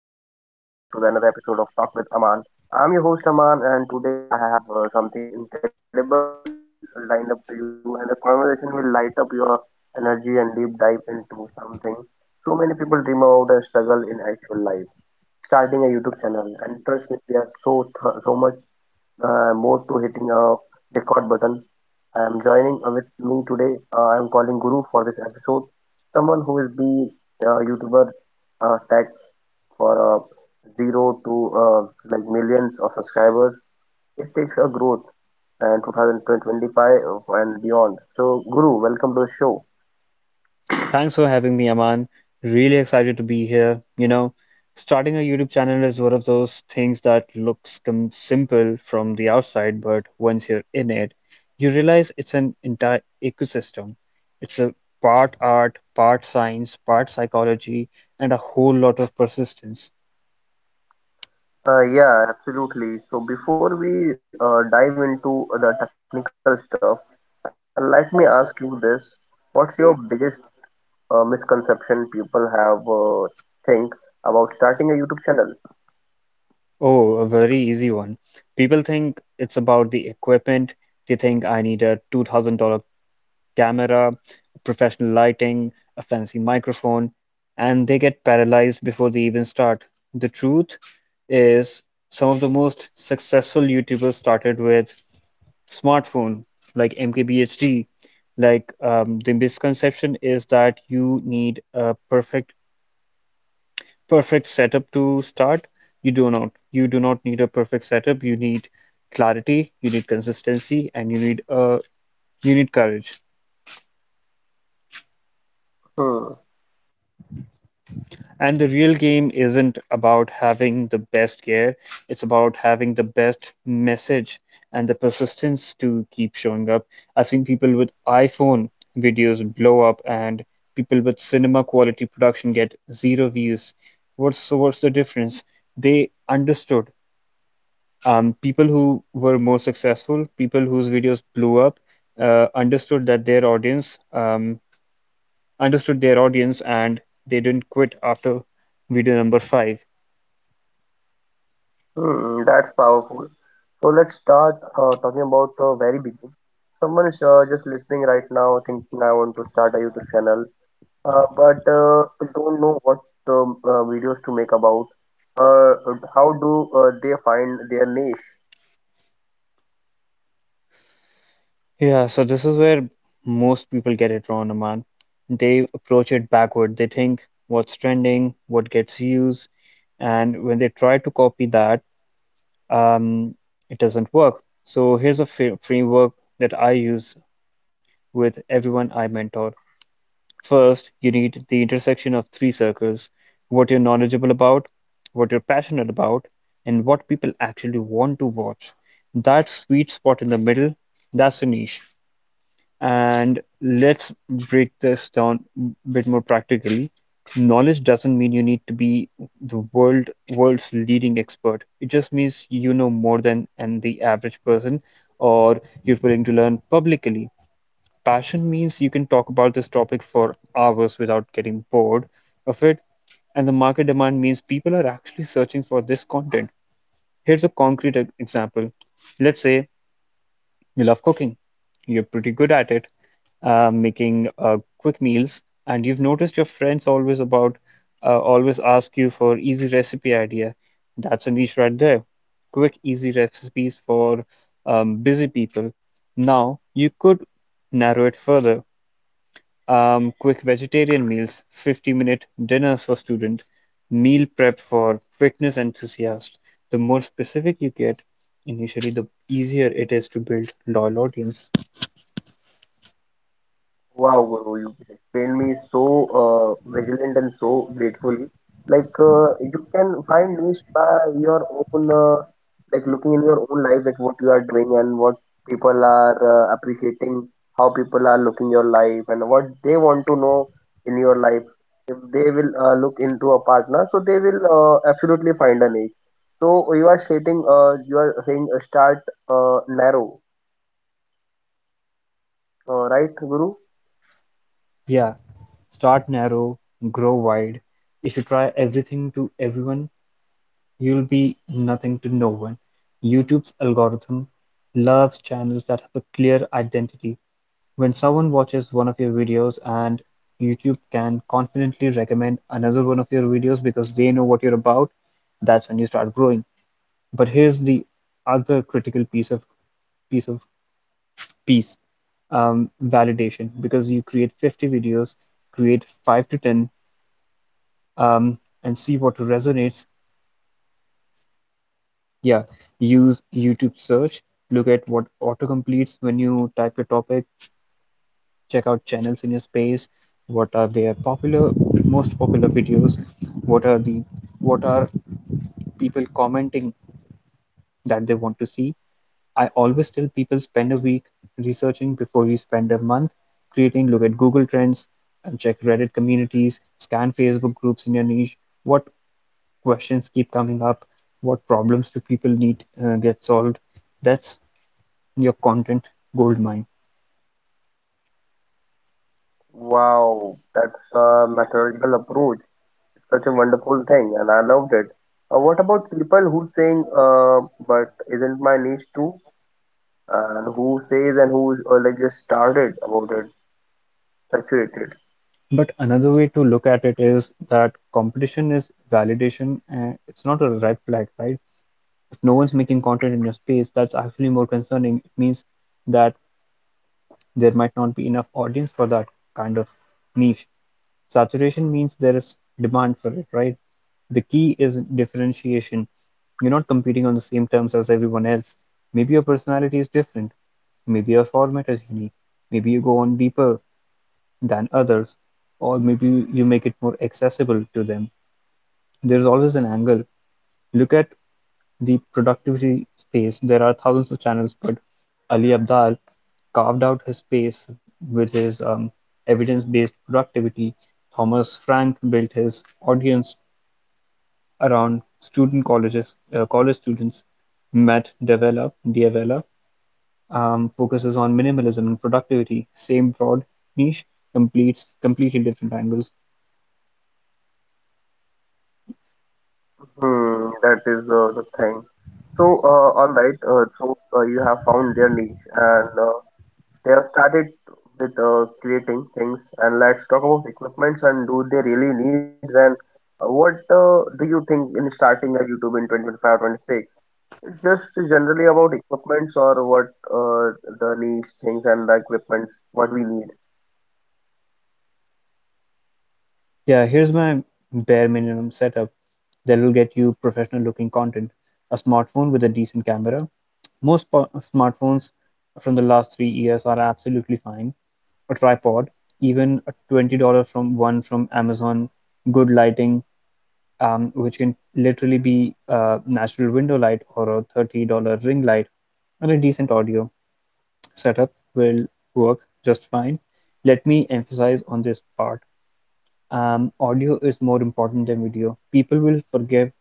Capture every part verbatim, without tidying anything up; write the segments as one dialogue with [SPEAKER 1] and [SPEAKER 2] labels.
[SPEAKER 1] another episode of Talk with Aman. I'm your host Aman, and today I have uh, something incredible lined up to you, and the conversation will light up your energy and deep dive into something so many people dream about and struggle in actual life. Starting a YouTube channel, and trust me, there are so th- so much uh, more to hitting a record button. I'm joining uh, with me today. Uh, I'm calling Guru for this episode. Someone who is the uh, YouTuber uh, tech for uh, zero to uh, like millions of subscribers. It takes a growth and twenty twenty-five and beyond. So, Guru, welcome to the show.
[SPEAKER 2] Thanks for having me, Aman. Really excited to be here. You know, starting a YouTube channel is one of those things that looks com simple from the outside, but once you're in it, you realize it's an entire ecosystem. It's a part art, part science, part psychology, and a whole lot of persistence.
[SPEAKER 1] Uh, yeah, absolutely. So before we uh, dive into the technical stuff, uh, let me ask you this. What's your biggest uh, misconception people have uh, think about starting a YouTube channel.
[SPEAKER 2] Oh, a very easy one. People think it's about the equipment. They think I need a two thousand dollars camera, professional lighting, a fancy microphone, and they get paralyzed before they even start. The truth is, some of the most successful YouTubers started with smartphone, like M K B H D. Like um, the misconception is that you need a perfect perfect setup to start. You do not. You do not need a perfect setup. You need clarity, you need consistency, and you need uh, you need courage.
[SPEAKER 1] Hmm,
[SPEAKER 2] And the real game isn't about having the best gear, it's about having the best message and the persistence to keep showing up. I've seen people with iPhone videos blow up and people with cinema quality production get zero views. What's so what's the difference? They understood. Um, people who were more successful, people whose videos blew up, uh, understood that their audience um, understood their audience, and they didn't quit after video number five.
[SPEAKER 1] hmm, that's powerful. So let's start uh, talking about the very beginning. Someone is uh, just listening right now, thinking I want to start a YouTube channel, uh, but uh, don't know what um, uh, videos to make about. Uh, how do uh, they find their niche?
[SPEAKER 2] Yeah, so this is where most people get it wrong, Aman. They approach it backward. They think what's trending, what gets views, and when they try to copy that, um, it doesn't work. So here's a fr framework that I use with everyone I mentor. First, you need the intersection of three circles: what you're knowledgeable about, what you're passionate about, and what people actually want to watch. That sweet spot in the middle, that's a niche. And let's break this down a bit more practically. Knowledge doesn't mean you need to be the world world's leading expert. It just means you know more than and the average person, or you're willing to learn publicly. Passion means you can talk about this topic for hours without getting bored of it. And the market demand means people are actually searching for this content. Here's a concrete e- example. Let's say you love cooking. You're pretty good at it, uh, making uh, quick meals, and you've noticed your friends always about uh, always ask you for easy recipe idea. That's a niche right there. Quick, easy recipes for um, busy people. Now you could narrow it further, um, quick vegetarian meals, fifty-minute dinners for student, meal prep for fitness enthusiasts. The more specific you get, initially, the easier it is to build loyal audience.
[SPEAKER 1] Wow, Guru, you explained me so uh, vigilant and so gratefully. Like uh, you can find niche by your own, uh, like looking in your own life like what you are doing and what people are uh, appreciating, how people are looking your life and what they want to know in your life. If they will uh, look into a partner, so they will uh, absolutely find a niche. So you are stating, uh, you are saying uh, start uh, narrow, uh, right, Guru?
[SPEAKER 2] Yeah, start narrow, grow wide. If you try everything to everyone, you'll be nothing to no one. YouTube's algorithm loves channels that have a clear identity. When someone watches one of your videos and YouTube can confidently recommend another one of your videos because they know what you're about, that's when you start growing. But here's the other critical piece of piece of piece um, validation. Because you create fifty videos, create five to ten, um, and see what resonates. Yeah, use YouTube
[SPEAKER 1] Hmm.
[SPEAKER 2] search, look at what auto completes when you type your topic, check out channels in your space. What are their popular most popular videos? What are the what are people commenting that they want to see? I always tell people spend a week researching before you spend a month creating. Look at Google Trends and check Reddit communities, scan Facebook groups in your niche. What questions keep coming up? What problems do people need uh, get solved? That's your content goldmine.
[SPEAKER 1] Wow, that's a methodical approach. It's such a wonderful thing, and I loved it. Uh, what about people who saying, uh, but isn't my niche too? And who says and who uh, like just started about it, saturated.
[SPEAKER 2] But another way to look at it is that competition is validation, and it's not a red flag, right? If no one's making content in your space, that's actually more concerning. It means that there might not be enough audience for that kind of niche. Saturation means there is demand for it, right? The key is differentiation. You're not competing on the same terms as everyone else. Maybe your personality is different. Maybe your format is unique. Maybe you go on deeper than others, or maybe you make it more accessible to them. There's always an angle. Look at the productivity space. There are thousands of channels, but Ali Abdaal carved out his space with his um, evidence-based productivity. Thomas Frank built his audience around student colleges, uh, college students. Matt Davella, Diavella um, focuses on minimalism and productivity. Same broad niche, completes completely different angles.
[SPEAKER 1] Hmm, that is uh, the thing. So, uh, all right. Uh, so uh, you have found their niche, and uh, they have started with uh, creating things, and let's talk about equipments and do they really needs and uh, what uh, do you think in starting a YouTube in twenty twenty-five twenty six? It's just generally about equipments or what uh, the niche things and the equipments what we need.
[SPEAKER 2] Yeah, here's my bare minimum setup that'll get you professional looking content. A smartphone with a decent camera. Most po- smartphones from the last three years are absolutely fine. A tripod, even a twenty dollars from one from Amazon, good lighting, um, which can literally be a natural window light or a thirty dollars ring light, and a decent audio setup will work just fine. Let me emphasize on this part, um, audio is more important than video. People will forgive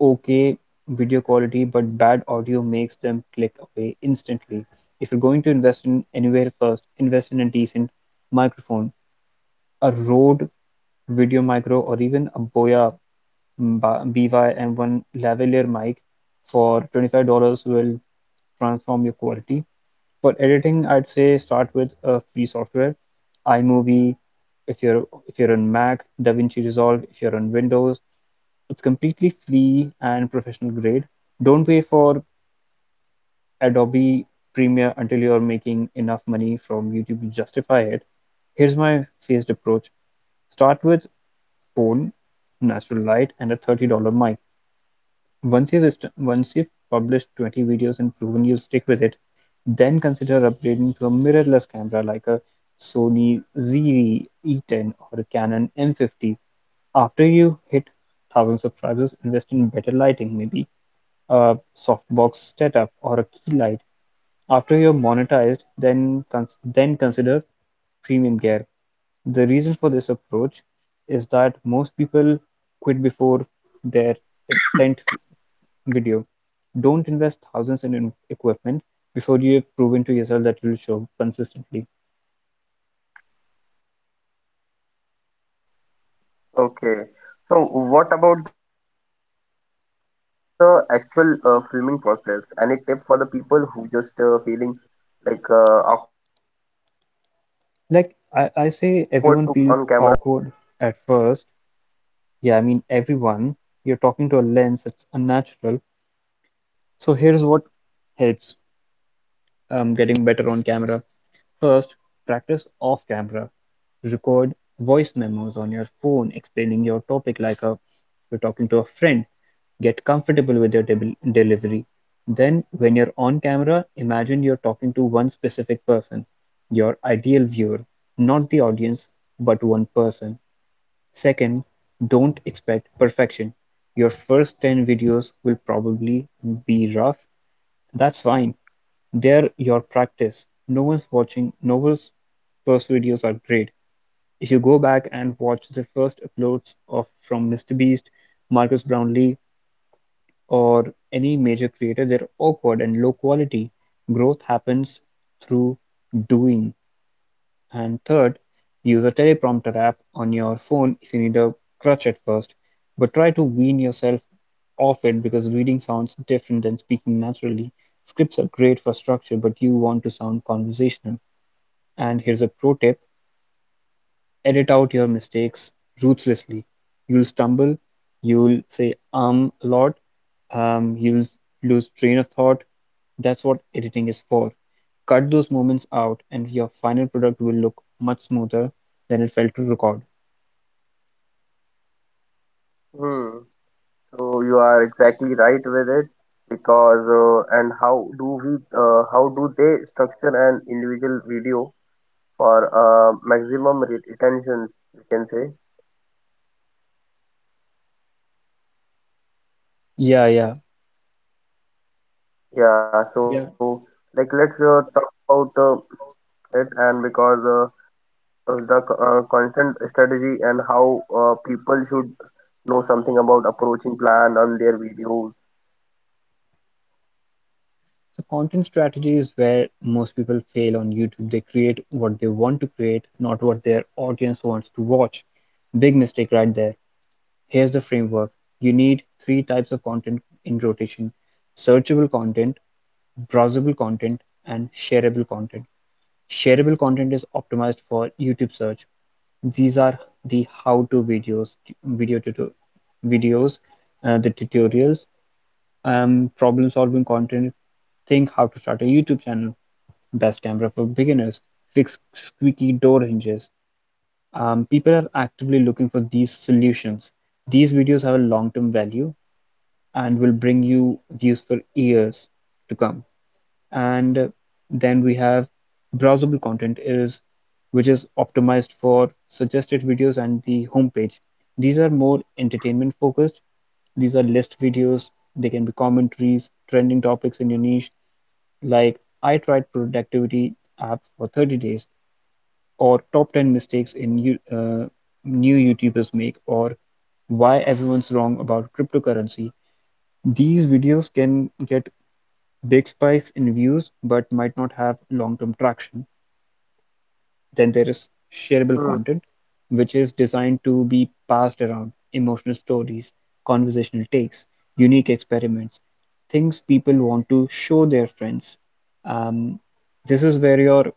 [SPEAKER 2] okay video quality, but bad audio makes them click away instantly. If you're going to invest in anywhere first, invest in a decent microphone. A Rode Video Micro, or even a Boya B Y-M one lavalier mic for twenty-five dollars, will transform your quality. For editing, I'd say start with a free software, iMovie, if you're if you're on Mac, DaVinci Resolve if you're on Windows. It's completely free and professional grade. Don't pay for Adobe Premiere until you're making enough money from YouTube to justify it. Here's my phased approach. Start with phone, natural light, and a thirty dollars mic. Once you've once you've published twenty videos and proven you stick with it, then consider upgrading to a mirrorless camera like a Sony Z V-E ten or a Canon M fifty. After you hit one thousand subscribers, invest in better lighting, maybe a softbox setup or a key light. After you're monetized, then cons- then consider premium gear. The reason for this approach is that most people quit before their tenth video. Don't invest thousands in equipment before you have proven to yourself that you'll show consistently.
[SPEAKER 1] Okay. So what about the actual uh, filming process? Any tip for the people who just uh, feeling like uh, awkward to on camera?
[SPEAKER 2] Like I, I say, everyone feels awkward at first. Yeah, I mean, everyone. You're talking to a lens, it's unnatural. So here's what helps um, getting better on camera. First, practice off camera. Record voice memos on your phone explaining your topic like a, you're talking to a friend. Get comfortable with your debel- delivery. Then, when you're on camera, imagine you're talking to one specific person, your ideal viewer, not the audience, but one person. Second, don't expect perfection. Your first ten videos will probably be rough. That's fine. They're your practice, no one's watching, no one's first videos are great. If you go back and watch the first uploads of from MrBeast, Marcus Brownlee, or any major creator, they're awkward and low quality. Growth happens through doing. And third, use a teleprompter app on your phone if you need a crutch at first, but try to wean yourself off it because reading sounds different than speaking naturally. Scripts are great for structure, but you want to sound conversational. And here's a pro tip: edit out your mistakes ruthlessly. You'll stumble, you'll say um a lot, um, you'll lose train of thought. That's what editing is for. Cut those moments out, and your final product will look much smoother than it felt to record.
[SPEAKER 1] Hmm. So you are exactly right with it because uh, and how do we uh, how do they structure an individual video for uh, maximum re retentions we can say
[SPEAKER 2] Yeah, yeah,
[SPEAKER 1] yeah
[SPEAKER 2] yeah.
[SPEAKER 1] so like let's uh, talk about uh, it and because uh, of the co- uh, content strategy and how uh, people should know something about approaching plan on their videos.
[SPEAKER 2] So content strategy is where most people fail on YouTube. They create what they want to create, not what their audience wants to watch. Big mistake right there. Here's the framework. You need three types of content in rotation. Searchable content, browsable content, and shareable content. Shareable content is optimized for YouTube search. These are the how-to videos, video tuto- videos, uh, the tutorials, um, problem-solving content. Think how to start a YouTube channel, best camera for beginners, fix squeaky door hinges. Um, people are actively looking for these solutions. These videos have a long-term value and will bring you views for years to come. And then we have browsable content is which is optimized for suggested videos and the homepage. These are more entertainment focused. These are list videos. They can be commentaries, trending topics in your niche, like I tried productivity app for thirty days, or top ten mistakes in you- uh, new YouTubers make, or why everyone's wrong about cryptocurrency. These videos can get big spikes in views but might not have long-term traction. Then there is shareable
[SPEAKER 1] Hmm.
[SPEAKER 2] content, which is designed to be passed around: emotional stories, conversational takes, unique experiments, things people want to show their friends. Um, this is where your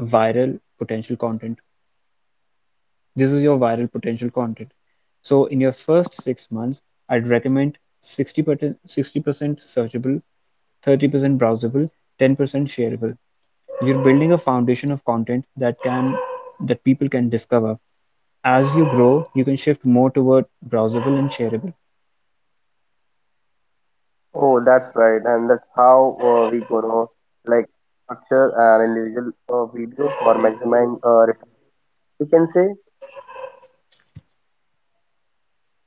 [SPEAKER 2] viral potential content. This is your viral potential content. So in your first six months, I'd recommend sixty percent sixty percent searchable, thirty percent browsable, ten percent shareable. You're building a foundation of content that can that people can discover. As you grow, you can shift more toward browsable and shareable.
[SPEAKER 1] Oh, that's right, and that's how uh, we gonna like structure an individual uh, video for maximizing uh, return. You can say,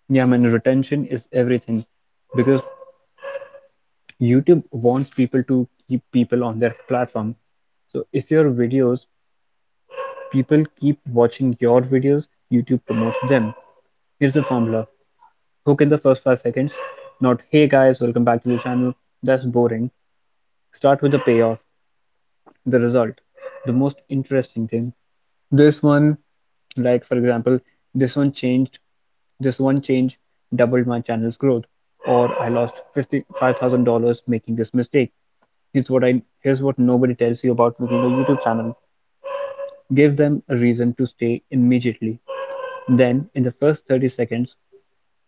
[SPEAKER 2] Yeah, man, retention is everything because YouTube wants people to keep people on their platform. So if your videos, people keep watching your videos, YouTube promotes them. Here's the formula. Hook in the first five seconds, not hey guys, welcome back to the channel. That's boring. Start with the payoff, the result, the most interesting thing. This one, like for example, this one changed this one change doubled my channel's growth, or I lost fifty-five thousand dollars making this mistake. here's what i here's what nobody tells you about making a YouTube channel. Give them a reason to stay immediately. Then in the first thirty seconds,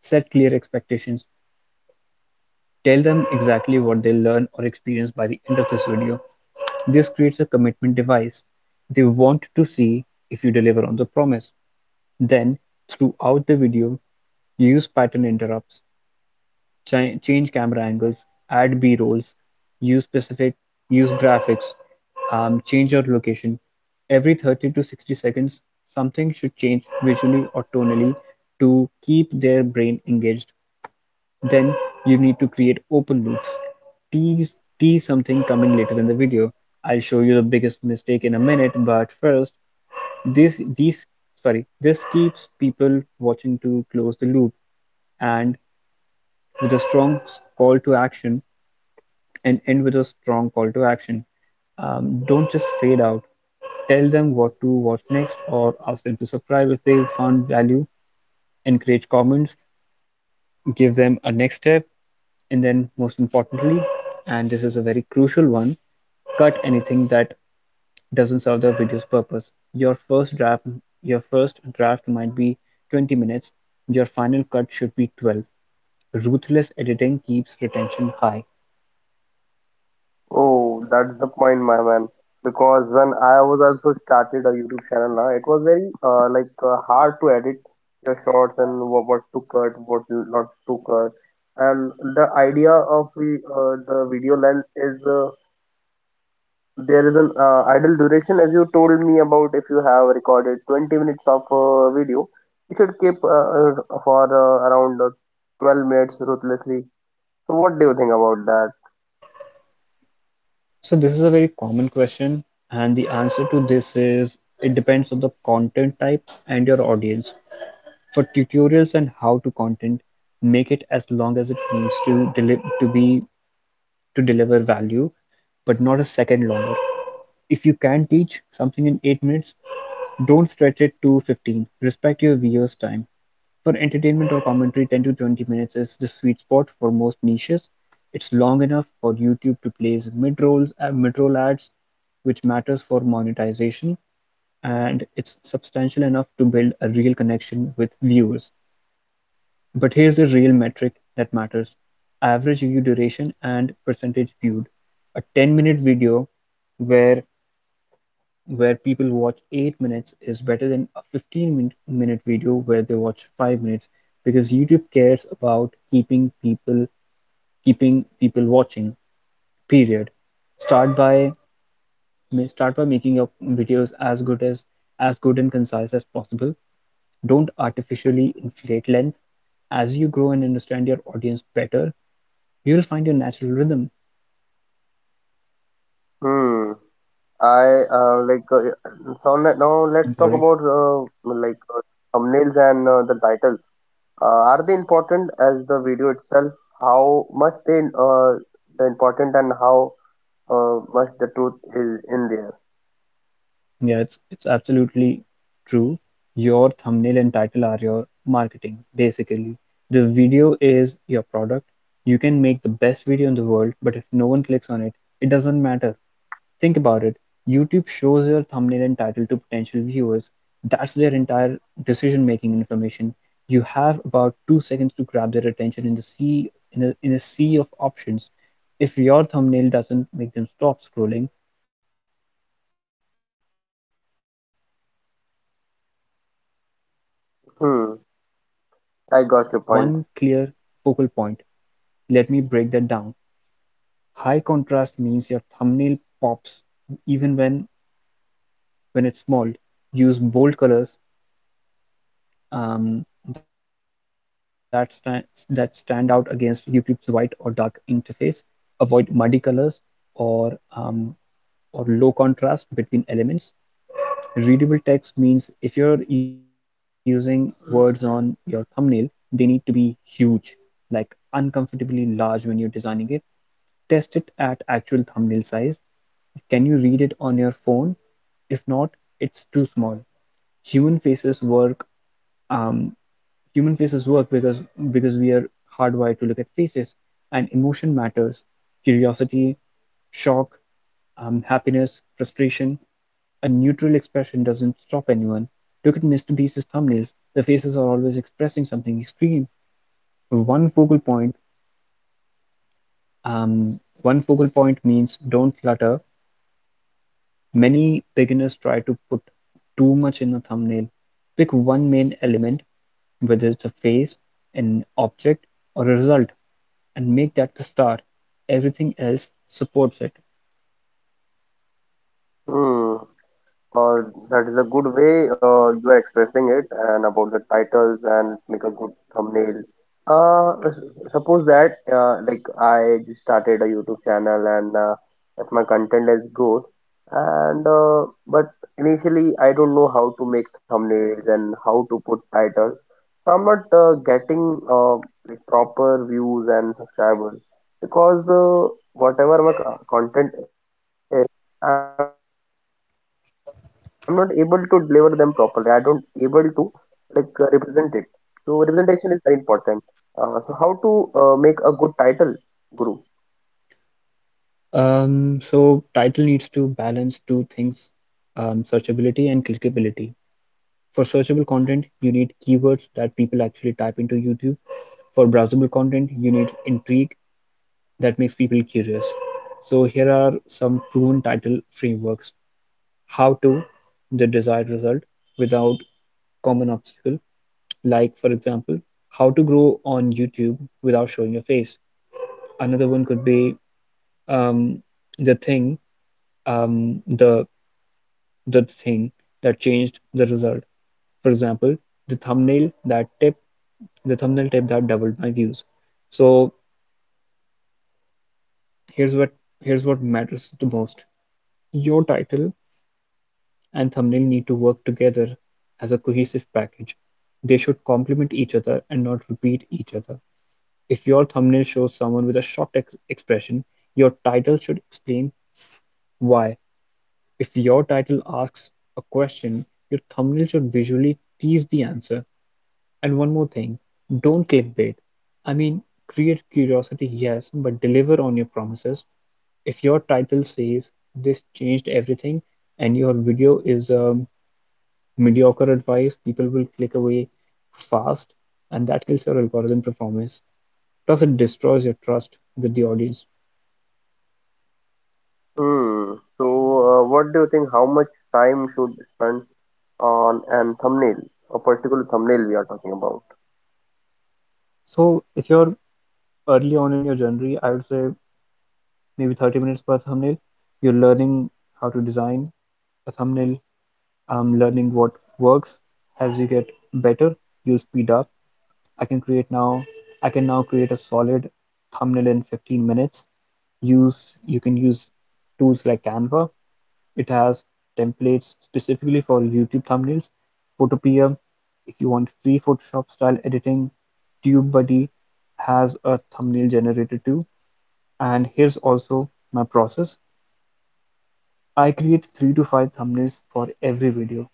[SPEAKER 2] set clear expectations, tell them exactly what they'll learn or experience by the end of this video. This creates a commitment device; they want to see if you deliver on the promise. Then, throughout the video, use pattern interrupts, chi- change camera angles, add B-rolls, use specific, use graphics, um, change your location. Every thirty to sixty seconds, something should change visually or tonally to keep their brain engaged. Then you need to create open loops. Tease, tease something coming later in the video. I'll show you the biggest mistake in a minute, but first, this these sorry, this keeps people watching to close the loop and with a strong call to action and end with a strong call to action. Um, don't just fade out. Tell them what to watch next, or ask them to subscribe if they found value. Encourage comments, give them a next step. And then most importantly, and this is a very crucial one, cut anything that doesn't serve the video's purpose. Your first draft your first draft might be twenty minutes, your final cut should be twelve. Ruthless editing keeps retention high.
[SPEAKER 1] oh, that's the point, my man. Because when I was also started a YouTube channel, now it was very uh, like uh, hard to edit your shorts and what, what to cut, what not to cut, and the idea of the uh, the video length is. Uh, There is an uh, ideal duration, as you told me about. If you have recorded twenty minutes of uh, video, you should keep uh, uh, for uh, around uh, twelve minutes ruthlessly. So, what do you think about that?
[SPEAKER 2] So this is a very common question, and the answer to this is it depends on the content type and your audience. For tutorials and how to content, make it as long as it needs to to be to deliver value, but not a second longer. If you can teach something in eight minutes, don't stretch it to fifteen. Respect your viewer's time. For entertainment or commentary, ten to twenty minutes is the sweet spot for most niches. It's long enough for YouTube to place mid-rolls, uh, mid-roll ads, which matters for monetization, and it's substantial enough to build a real connection with viewers. But here's the real metric that matters: average view duration and percentage viewed. A ten-minute video where where people watch eight minutes is better than a fifteen-minute video where they watch five minutes, because YouTube cares about keeping people keeping people watching. Period. Start by Start by making your videos as good as as good and concise as possible. Don't artificially inflate length. As you grow and understand your audience better, you'll find your natural rhythm.
[SPEAKER 1] Hmm. I uh, like uh, so le- Now let's
[SPEAKER 2] I'm
[SPEAKER 1] talk
[SPEAKER 2] sorry.
[SPEAKER 1] about uh, like uh, thumbnails and uh, the titles. Uh, are they important as the video itself? How much they uh, the important and how uh, much the truth is in there?
[SPEAKER 2] Yeah, it's it's absolutely true. Your thumbnail and title are your marketing, basically. The video is your product. You can make the best video in the world, but if no one clicks on it, it doesn't matter. Think about it. YouTube shows your thumbnail and title to potential viewers. That's their entire decision-making information. You have about two seconds to grab their attention in the sea in a, in a sea of options. If your thumbnail doesn't make them stop scrolling, you've lost them. And here's my thumbnail formula: high
[SPEAKER 1] Hmm.
[SPEAKER 2] contrast, readable text,
[SPEAKER 1] I got your
[SPEAKER 2] human
[SPEAKER 1] point.
[SPEAKER 2] face with clear emotion, and one clear focal point. Let me break that down. High contrast means your thumbnail pops even when when it's small. Use bold colors um, that stand that stand out against YouTube's white or dark interface. Avoid muddy colors or um, or low contrast between elements. Readable text means if you're using words on your thumbnail, they need to be huge, like uncomfortably large when you're designing it. Test it at actual thumbnail size. Can you read it on your phone? If not, it's too small. Human faces work. Um, human faces work because because we are hardwired to look at faces, and emotion matters. Curiosity, shock, um, happiness, frustration. A neutral expression doesn't stop anyone. Look at Mister Beast's thumbnails. The faces are always expressing something extreme. One focal point, um, One focal point means don't clutter. Many beginners try to put too much in a thumbnail. Pick one main element, whether it's a face, an object, or a result, and make that the star. Everything else supports it.
[SPEAKER 1] Hmm. Uh, that is a good way uh, you are expressing it and about the titles and make a good thumbnail. Uh, s- Suppose that uh, like I just started a YouTube channel and uh, if my content is good and uh, but initially I don't know how to make thumbnails and how to put titles. So I'm not uh, getting uh, like proper views and subscribers because uh, whatever my co- content eh, I'm not able to deliver them properly. I don't able to like uh, represent it. So representation is very important. Uh, so how to uh, make a good title, Guru?
[SPEAKER 2] Um, so title needs to balance two things, um, searchability and clickability. For searchable content, you need keywords that people actually type into YouTube. For browsable content, you need intrigue that makes people curious. So here are some proven title frameworks. How to the desired result without common obstacle. Like for example, how to grow on YouTube without showing your face. Another one could be um, the thing, um, the the thing that changed the result. For example, the thumbnail that tip the thumbnail tip that doubled my views. So here's what here's what matters the most. Your title and thumbnail need to work together as a cohesive package. They should complement each other and not repeat each other. If your thumbnail shows someone with a shocked ex- expression, your title should explain why. If your title asks a question, your thumbnail should visually tease the answer. And one more thing, don't clickbait. I mean, create curiosity, yes, but deliver on your promises. If your title says this changed everything and your video is um, mediocre advice, people will click away fast, and that kills your algorithm performance. Plus, it destroys your trust with the audience.
[SPEAKER 1] Hmm. So uh, what do you think? How much time should spend on an thumbnail, a particular thumbnail we are talking about?
[SPEAKER 2] So, if you're early on in your journey, I would say maybe thirty minutes per thumbnail, you're learning how to design a thumbnail, um, learning what works. As you get better, you'll speed up. I can create now. I can now create a solid thumbnail in fifteen minutes. Use you can use tools like Canva. It has templates specifically for YouTube thumbnails, Photopea, if you want free Photoshop style editing, TubeBuddy has a thumbnail generator too. And here's also my process. I create three to five thumbnails for every video.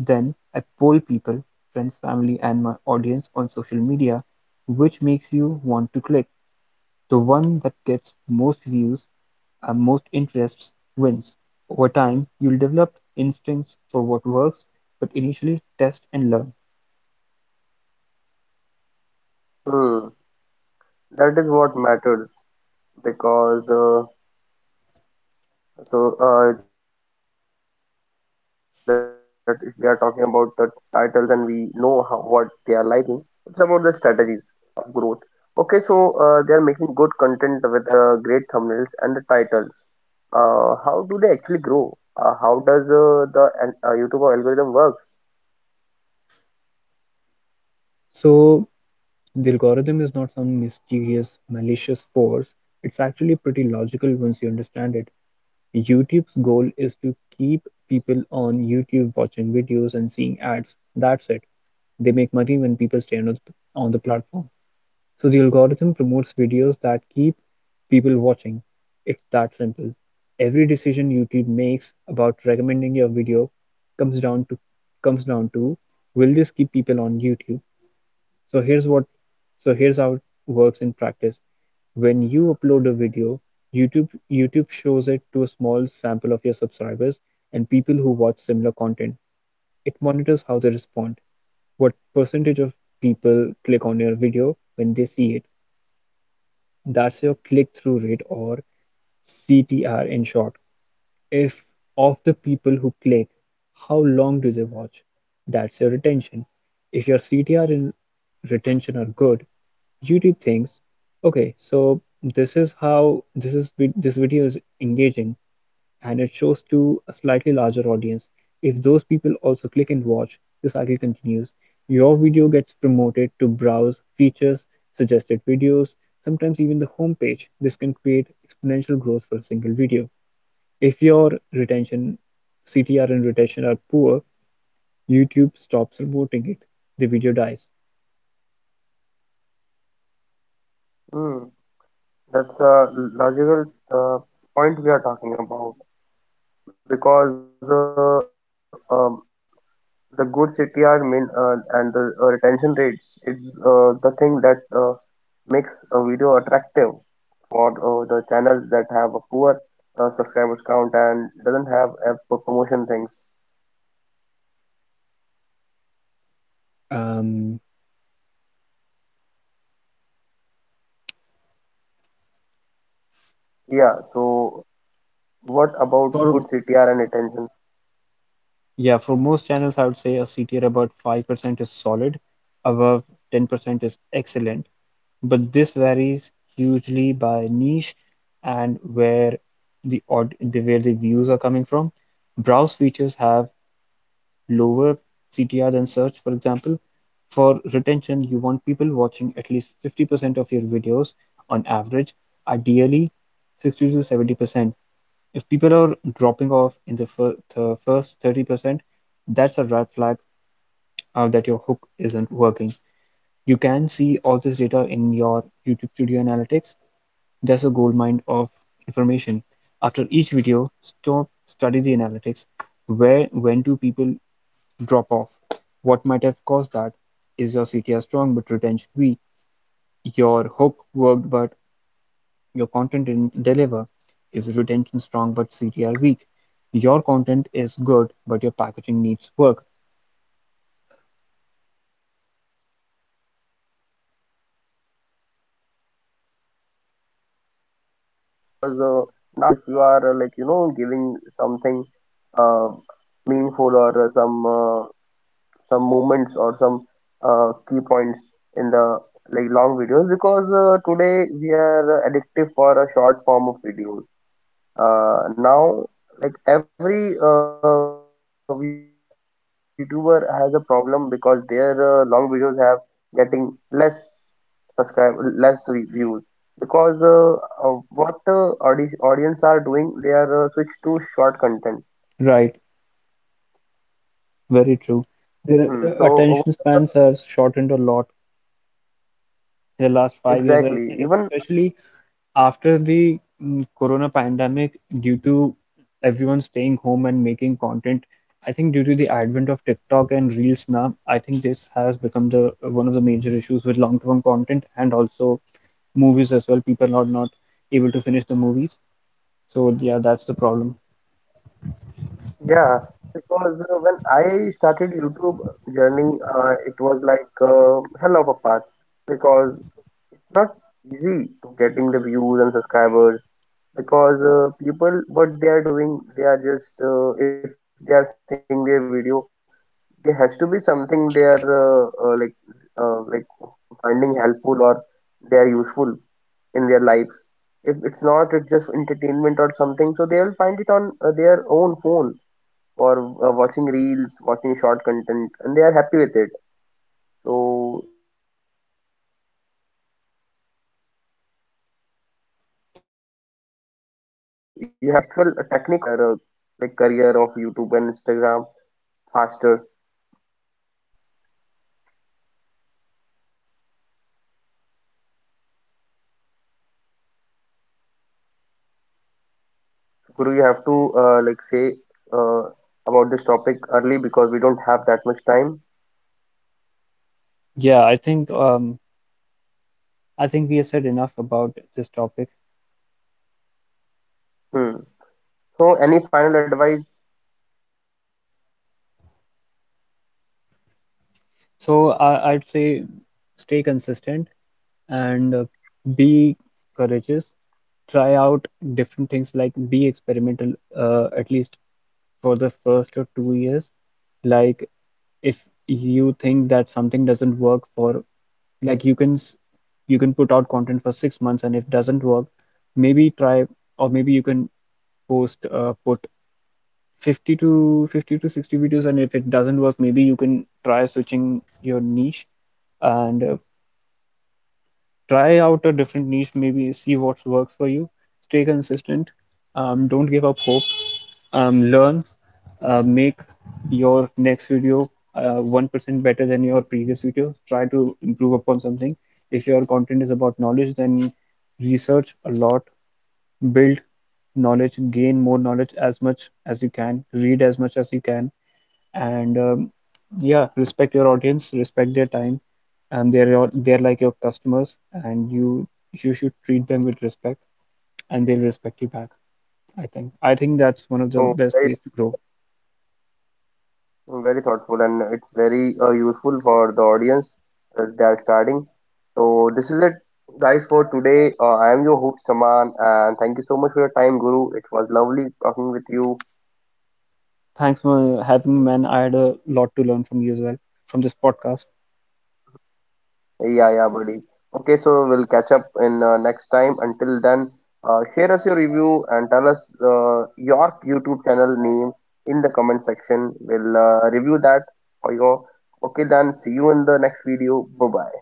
[SPEAKER 2] Then I poll people, friends, family and my audience on social media, which makes you want to click. The one that gets most views and most interests wins. Over time, you'll develop instincts for what works, but initially test and learn.
[SPEAKER 1] Hmm. That is what matters because uh, So uh, that if we are talking about the titles and we know how, what they are liking, it's about the strategies of growth. Okay, so uh, they are making good content with uh, great thumbnails and the titles. Uh, how do they actually grow? Uh, how does uh, the an- uh, YouTube algorithm works?
[SPEAKER 2] So the algorithm is not some mysterious, malicious force. It's actually pretty logical once you understand it. YouTube's goal is to keep people on YouTube watching videos and seeing ads. That's it. They make money when people stay on the, on the platform. So the algorithm promotes videos that keep people watching. It's that simple. Every decision YouTube makes about recommending your video comes down to comes down to will this keep people on YouTube? so here's what so here's how it works in practice. When you upload a video, youtube YouTube shows it to a small sample of your subscribers and people who watch similar content. It monitors how they respond. What percentage of people click on your video when they see it? That's your click-through rate, or CTR in short. If Of the people who click, how long do they watch? That's your retention. If your C T R and retention are good, YouTube thinks, okay, so this is how this is this video is engaging, and it shows to a slightly larger audience. If those people also click and watch, the cycle continues. Your video gets promoted to browse features, suggested videos, sometimes even the homepage. This can create exponential growth for a single video. If your retention, C T R and retention are poor, YouTube stops reporting it. The video dies.
[SPEAKER 1] Hmm, that's a logical uh, point we are talking about because uh, um, the good C T R mean uh, and the uh, retention rates is uh, the thing that uh, makes a video attractive for uh, the channels that have a poor uh, subscribers count and doesn't have app for promotion things.
[SPEAKER 2] Um,
[SPEAKER 1] Yeah, so what about good
[SPEAKER 2] for
[SPEAKER 1] C T R and attention?
[SPEAKER 2] Yeah, for most channels, I would say a C T R about five percent is solid, above ten percent is excellent. But this varies hugely by niche and where the aud the where the views are coming from. Browse features have lower C T R than search, for example. For retention, you want people watching at least fifty percent of your videos on average, ideally sixty to seventy percent. If people are dropping off in the first thirty percent, that's a red flag uh, that your hook isn't working. You can see all this data in your YouTube Studio Analytics. That's a goldmine of information. After each video, stop, study the analytics. Where, when do people drop-off? What might have caused that? Is your C T R strong but retention weak? Your hook worked but your content didn't deliver. Is retention strong but C T R weak? Your content is good but your packaging needs work.
[SPEAKER 1] Hmm. See, I understand how it is working because uh, now it's m- more important if you are uh, like you know giving something uh, meaningful or uh, some uh, some movements or some uh, key points in the like long videos because uh, today we are uh, addictive for a short form of videos. Uh, now, like every uh, YouTuber has a problem because their uh, long videos have getting less subscribe less re- views because uh, uh, what uh, audi- audience are doing they are uh, switched to short content.
[SPEAKER 2] Right, very true.
[SPEAKER 1] Hmm,
[SPEAKER 2] Their
[SPEAKER 1] so
[SPEAKER 2] uh, attention spans have shortened a lot the
[SPEAKER 1] uh,
[SPEAKER 2] last five
[SPEAKER 1] exactly
[SPEAKER 2] years, and
[SPEAKER 1] even
[SPEAKER 2] especially after the mm, corona pandemic, due to everyone staying home and making content. I think due to the advent of TikTok and Reels now, I think this has become the one of the major issues with long-term content, and also movies as well. People are not able to finish the movies. So yeah, that's the problem.
[SPEAKER 1] yeah, because uh, when I started YouTube journey, uh, it was like uh, hell of a path because it's not easy to getting the views and subscribers because uh, people what they are doing they are just uh, if they are seeing their video there has to be something they are uh, uh, like uh, like finding helpful or they are useful in their lives. If it's not, it's just entertainment or something, so they will find it on uh, their own phone or uh, watching reels, watching short content, and they are happy with it. So you have to modify things accordingly. And generally, uh, it is the actual technique of
[SPEAKER 2] Yeah,
[SPEAKER 1] uh,
[SPEAKER 2] right,
[SPEAKER 1] someone
[SPEAKER 2] right.
[SPEAKER 1] can uh, like grow in your uh, like career of YouTube and Instagram faster. Guru, you have to uh, like say uh, about this topic early because we don't have that much time.
[SPEAKER 2] Yeah, I think um I think we have said enough about this topic.
[SPEAKER 1] Hmm. So any final advice?
[SPEAKER 2] So I I'd say stay consistent, and uh, be courageous, try out different things, like be experimental uh, at least for the first or two years. Like, if you think that something doesn't work for, like, you can s- you can put out content for six months, and if it doesn't work, maybe try, or maybe you can post uh, put fifty to fifty to sixty videos, and if it doesn't work, maybe you can try switching your niche, and uh, try out a different niche, maybe see what works for you. Stay consistent. Um, don't give up hope. Um, learn. Uh, make your next video uh, one percent better than your previous video. Try to improve upon something. If your content is about knowledge, then research a lot, build knowledge, gain more knowledge as much as you can, read as much as you can, and um, yeah, respect your audience, respect their time. And They're your, they're like your customers, and you you should treat them with respect, and they'll respect you back. i think I think that's one of the
[SPEAKER 1] So
[SPEAKER 2] best
[SPEAKER 1] very
[SPEAKER 2] ways to grow.
[SPEAKER 1] very thoughtful, and it's very uh, useful for the audience that they are starting. So this is it, guys, for today. Uh, I am your host Saman, and thank you so much for your time, Guru. It was lovely talking with you.
[SPEAKER 2] Thanks for having me, man. I had a lot to learn from you as well from this podcast.
[SPEAKER 1] Hey, yeah, yeah, buddy. Okay, so we'll catch up in uh, next time. Until then, uh, share us your review and tell us uh, your YouTube channel name in the comment section. We'll uh, review that for you.
[SPEAKER 2] Mm.
[SPEAKER 1] Okay, then see you in the next video. Bye bye.